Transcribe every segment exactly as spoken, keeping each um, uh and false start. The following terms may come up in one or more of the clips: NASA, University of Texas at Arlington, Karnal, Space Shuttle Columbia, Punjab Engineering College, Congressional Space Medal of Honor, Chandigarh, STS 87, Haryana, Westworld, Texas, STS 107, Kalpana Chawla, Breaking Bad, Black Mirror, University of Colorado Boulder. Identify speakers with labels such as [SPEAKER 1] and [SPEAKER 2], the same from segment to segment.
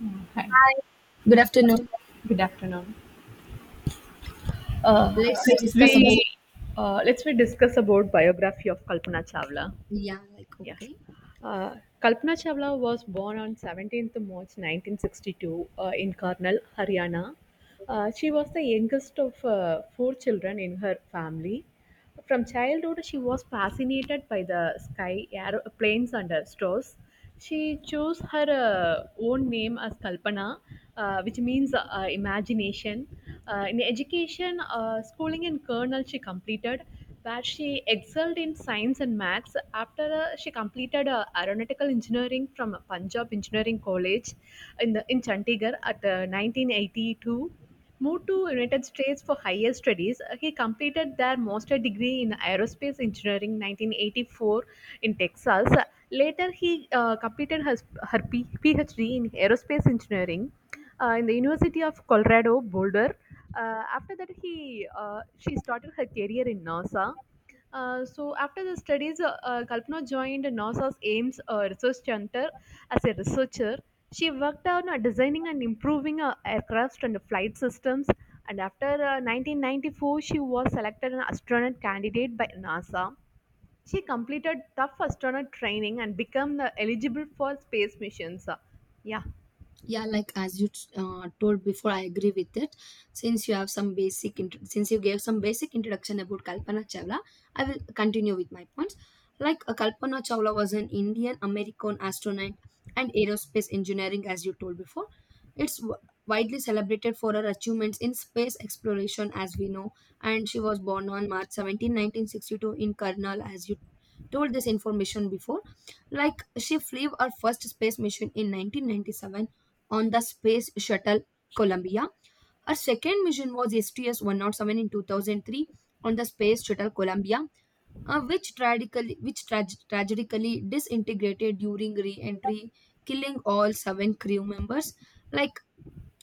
[SPEAKER 1] Yeah, hi.
[SPEAKER 2] Good afternoon.
[SPEAKER 1] Good afternoon. Uh,
[SPEAKER 2] Let's
[SPEAKER 1] Let's we
[SPEAKER 2] discuss about.
[SPEAKER 1] uh, let's we discuss about biography of Kalpana Chawla.
[SPEAKER 2] Yeah, like,
[SPEAKER 1] Yeah,
[SPEAKER 2] okay.
[SPEAKER 1] uh, Kalpana Chawla was born on seventeenth March nineteen sixty-two uh, in Karnal, Haryana. Uh, she was the youngest of uh, four children in her family. From childhood, she was fascinated by the sky, air, planes, and uh, stars. She chose her uh, own name as Kalpana, uh, which means uh, imagination. Uh, in education, uh, schooling in Colonel she completed, where she excelled in science and maths. After uh, She completed uh, aeronautical engineering from Punjab Engineering College in the, in Chandigarh at uh, nineteen eighty-two. Moved to United States for higher studies. Uh, he completed their master degree in aerospace engineering nineteen eighty-four in Texas. Later, he uh, completed her, her P- PhD in aerospace engineering uh, in the University of Colorado Boulder. Uh, after that, he uh, she started her career in NASA. Uh, so after the studies, uh, uh, Kalpana joined NASA's Ames uh, Research Center as a researcher. She worked on uh, designing and improving uh, aircraft and flight systems. And after uh, nineteen ninety-four, she was selected an astronaut candidate by NASA. She completed tough astronaut training and became uh, eligible for space missions. Uh, yeah.
[SPEAKER 2] Yeah, like, as you uh, told before, I agree with it. Since you have some basic int- since you gave some basic introduction about Kalpana Chawla, I will continue with my points. Like, uh, Kalpana Chawla was an Indian American astronaut and aerospace engineering, as you told before. It's w- widely celebrated for her achievements in space exploration, as we know. And she was born on march seventeenth, nineteen sixty-two, in Karnal, as you told this information before. Like, she flew her first space mission in nineteen ninety-seven on the Space Shuttle Columbia. Her second mission was S T S one oh seven in two thousand three on the Space Shuttle Columbia, uh, which, tragically, which trag- tragically disintegrated during re entry, killing all seven crew members. Like,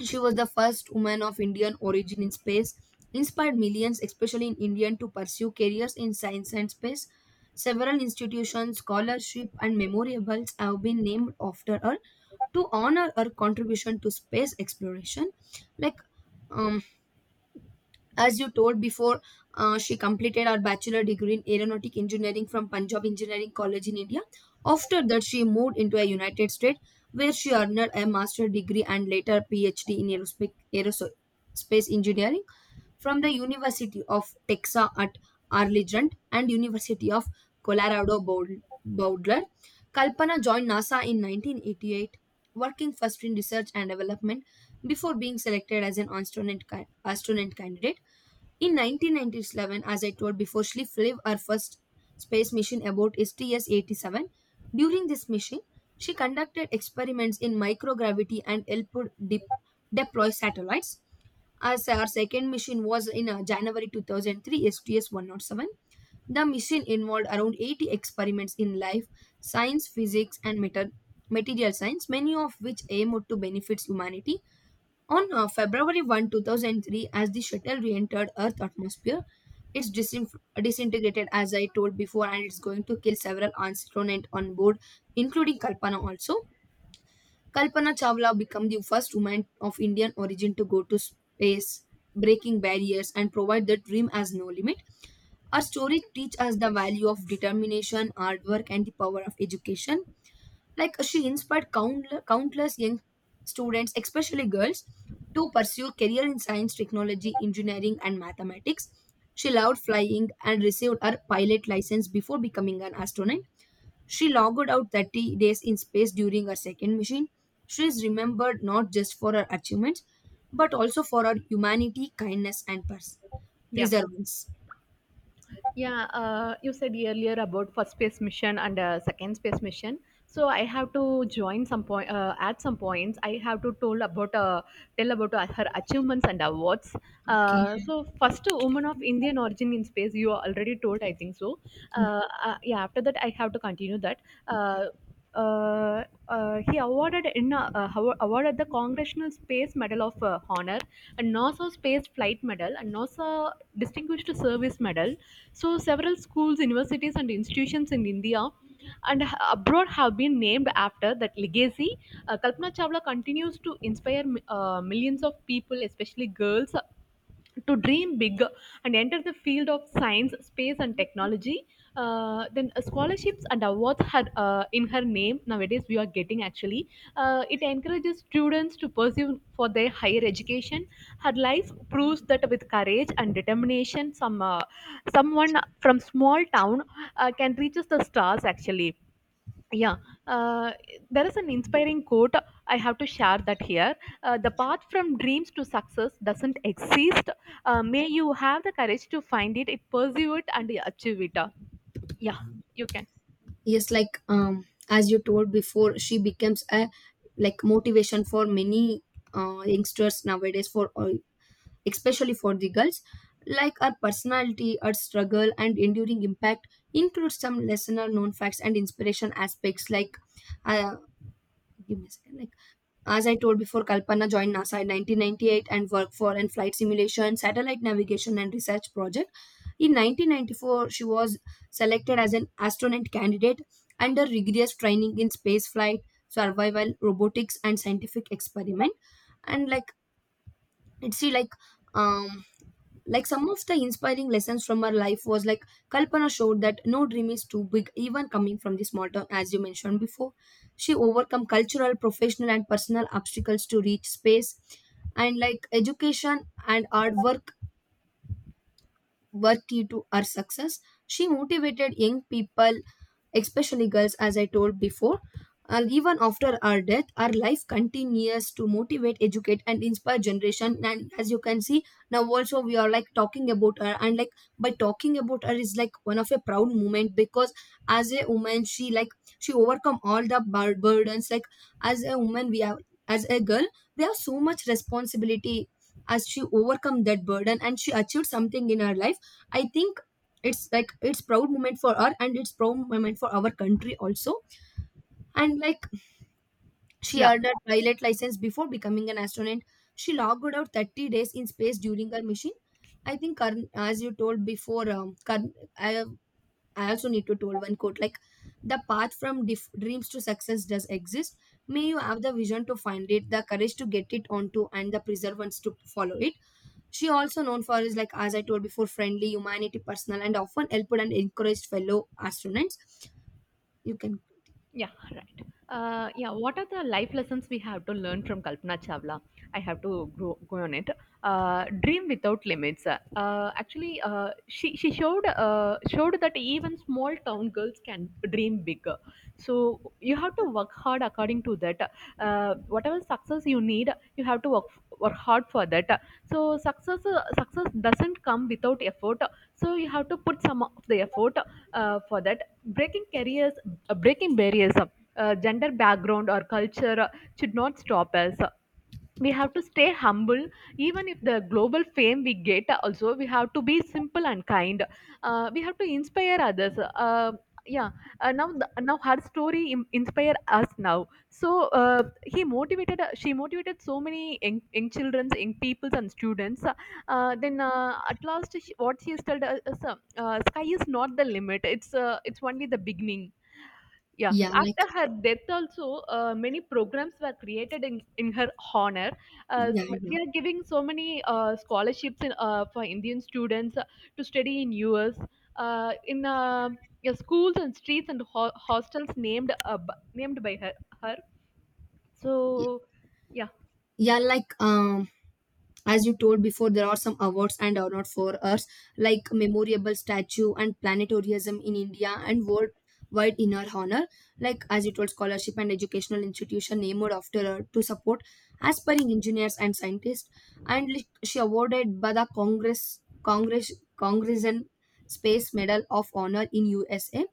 [SPEAKER 2] she was the first woman of Indian origin in space, inspired millions, especially in India, to pursue careers in science and space. Several institutions, scholarship, and memorables have been named after her to honor her contribution to space exploration. Like, um, as you told before, uh, she completed her bachelor degree in aeronautic engineering from Punjab Engineering College in India. After that, she moved into a United States, where she earned a master degree and later PhD in aerospace, aerospace engineering from the University of Texas at Arlington and University of Colorado Bowl- Boulder. Kalpana joined NASA in nineteen eighty-eight, working first in research and development before being selected as an astronaut, ca- astronaut candidate. In nineteen ninety-seven, as I told before, she flew her first space mission aboard S T S eighty-seven. During this mission, she conducted experiments in microgravity and helped de- deploy satellites. As our second mission was in uh, January two thousand three, S T S one oh seven. The mission involved around eighty experiments in life, science, physics, and meta- material science, many of which aimed to benefit humanity. On uh, February first, two thousand three, as the shuttle re entered Earth's atmosphere, it's disin- disintegrated, as I told before, and it's going to kill several astronauts on board, including Kalpana also. Kalpana Chawla became the first woman of Indian origin to go to space, breaking barriers and provide the dream as no limit. Our story teaches us the value of determination, hard work, and the power of education. Like, she inspired countless, countless young students, especially girls, to pursue career in science, technology, engineering, and mathematics. She loved flying and received her pilot license before becoming an astronaut. She logged out thirty days in space during her second mission. She is remembered not just for her achievements, but also for her humanity, kindness, and pers-
[SPEAKER 1] Yeah.
[SPEAKER 2] perseverance.
[SPEAKER 1] Yeah, uh, you said earlier about first space mission and uh, second space mission. So I have to join some point uh, at some points. I have to told about uh, tell about uh, her achievements and awards.
[SPEAKER 2] Okay.
[SPEAKER 1] Uh, so first woman of Indian origin in space. You already told, I think so. Uh, uh, yeah. After that, I have to continue that. Uh, uh, uh, he awarded in uh, uh, awa- awarded the Congressional Space Medal of uh, Honor, a NASA Space Flight Medal, and NASA Distinguished Service Medal, so several schools, universities, and institutions in India and h- abroad have been named after that legacy. Uh, Kalpana Chawla continues to inspire mi- uh, millions of people, especially girls, to dream big and enter the field of science, space, and technology. Uh, then uh, scholarships and awards had uh, in her name nowadays we are getting actually, uh, it encourages students to pursue for their higher education. Her life proves that with courage and determination, some uh, someone from small town uh, can reach us the stars actually. Yeah. uh, there is an inspiring quote, I have to share that here. Uh, the path from dreams to success doesn't exist. Uh, may you have the courage to find it, it pursue it, and achieve it. Yeah, you can.
[SPEAKER 2] Yes, like, um as you told before, she becomes a like motivation for many uh, youngsters nowadays, for all, especially for the girls. Like, her personality, her struggle, and enduring impact includes some lesser known facts and inspiration aspects. Like, uh, give me a second. Like, as I told before, Kalpana joined NASA in nineteen ninety-eight and worked for in flight simulation, satellite navigation, and research project. In nineteen ninety-four, she was selected as an astronaut candidate under rigorous training in space flight, survival, robotics, and scientific experiment. And like, it's see, like, um, like, some of the inspiring lessons from her life was like Kalpana showed that no dream is too big, even coming from the small town, as you mentioned before. She overcome cultural professional and personal obstacles to reach space. And like, education and hard work were key to her success. She motivated young people, especially girls, as I told before. And even after our death, our life continues to motivate, educate, and inspire generation. And as you can see now, also we are like talking about her, and like by talking about her is like one of a proud moment, because as a woman, she like she overcome all the bur- burdens. Like, as a woman, we have, as a girl, we have so much responsibility. As she overcome that burden and she achieved something in her life, I think it's, like, it's proud moment for her, and it's proud moment for our country also. And like, she
[SPEAKER 1] yeah
[SPEAKER 2] earned a pilot license before becoming an astronaut. She logged out thirty days in space during her mission. I think, Karn, as you told before, um, Karn, I, I also need to told one quote, like, the path from dif- dreams to success does exist. May you have the vision to find it, the courage to get it onto, and the perseverance to follow it. She also known for is, like, as I told before, friendly, humanity, personal, and often helped and encouraged fellow astronauts. You can.
[SPEAKER 1] Yeah, right. Uh, yeah, what are the life lessons we have to learn from Kalpana Chawla? I have to grow, go on it. Uh, dream without limits. Uh, actually, uh, she she showed uh, showed that even small town girls can dream bigger. So you have to work hard according to that. Uh, whatever success you need, you have to work work hard for that. So success uh, success doesn't come without effort. So you have to put some of the effort uh, for that. breaking careers uh, Breaking barriers, uh, uh, gender, background, or culture uh, should not stop us. We have to stay humble, even if the global fame we get, uh, also we have to be simple and kind. Uh, we have to inspire others. uh, yeah uh, now the, Now her story im- inspire us now. So uh, he motivated uh, She motivated so many young, young children, young peoples, and students. Uh, then uh, at last, she, what she has told us: uh, uh, sky is not the limit, it's uh, it's only the beginning. Yeah,
[SPEAKER 2] Yeah, like,
[SPEAKER 1] after her death also, uh, many programs were created in, in her honor. Uh,
[SPEAKER 2] yeah,
[SPEAKER 1] we
[SPEAKER 2] yeah.
[SPEAKER 1] are giving so many uh, scholarships in, uh, for Indian students uh, to study in U S. Uh, in uh, yeah, Schools and streets and ho- hostels named uh, b- named by her. Her. So yeah,
[SPEAKER 2] Yeah,
[SPEAKER 1] Thank
[SPEAKER 2] like, um as you told before, there are some awards and are not for us. Like, memorable statue and planetarium in India and worldwide in her honor. Like, as you told, scholarship and educational institution named after her to support aspiring engineers and scientists. And like, she awarded by the congress congress congress space medal of honor in USA.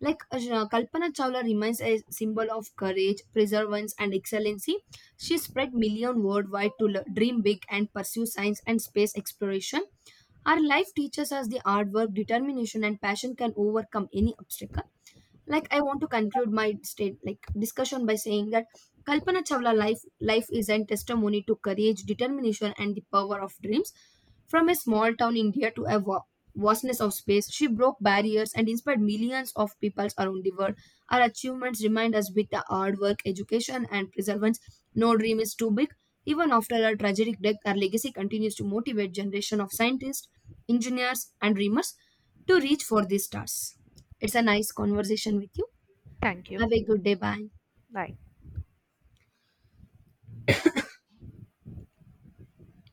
[SPEAKER 2] Like, uh, Kalpana Chawla remains a symbol of courage, perseverance, and excellency. She spread million worldwide to le- dream big and pursue science and space exploration. Our life teaches us the hard work, determination, and passion can overcome any obstacle. Like, I want to conclude my state, like, discussion by saying that Kalpana Chawla life life is a testimony to courage, determination, and the power of dreams. From a small town India to a wa- vastness of space, she broke barriers and inspired millions of people around the world. Her achievements remind us with the hard work, education, and perseverance, no dream is too big. Even after her tragic death, her legacy continues to motivate generation of scientists, engineers, and dreamers to reach for the stars. It's a nice conversation with you.
[SPEAKER 1] you.
[SPEAKER 2] Have a good day. Bye.
[SPEAKER 1] Bye.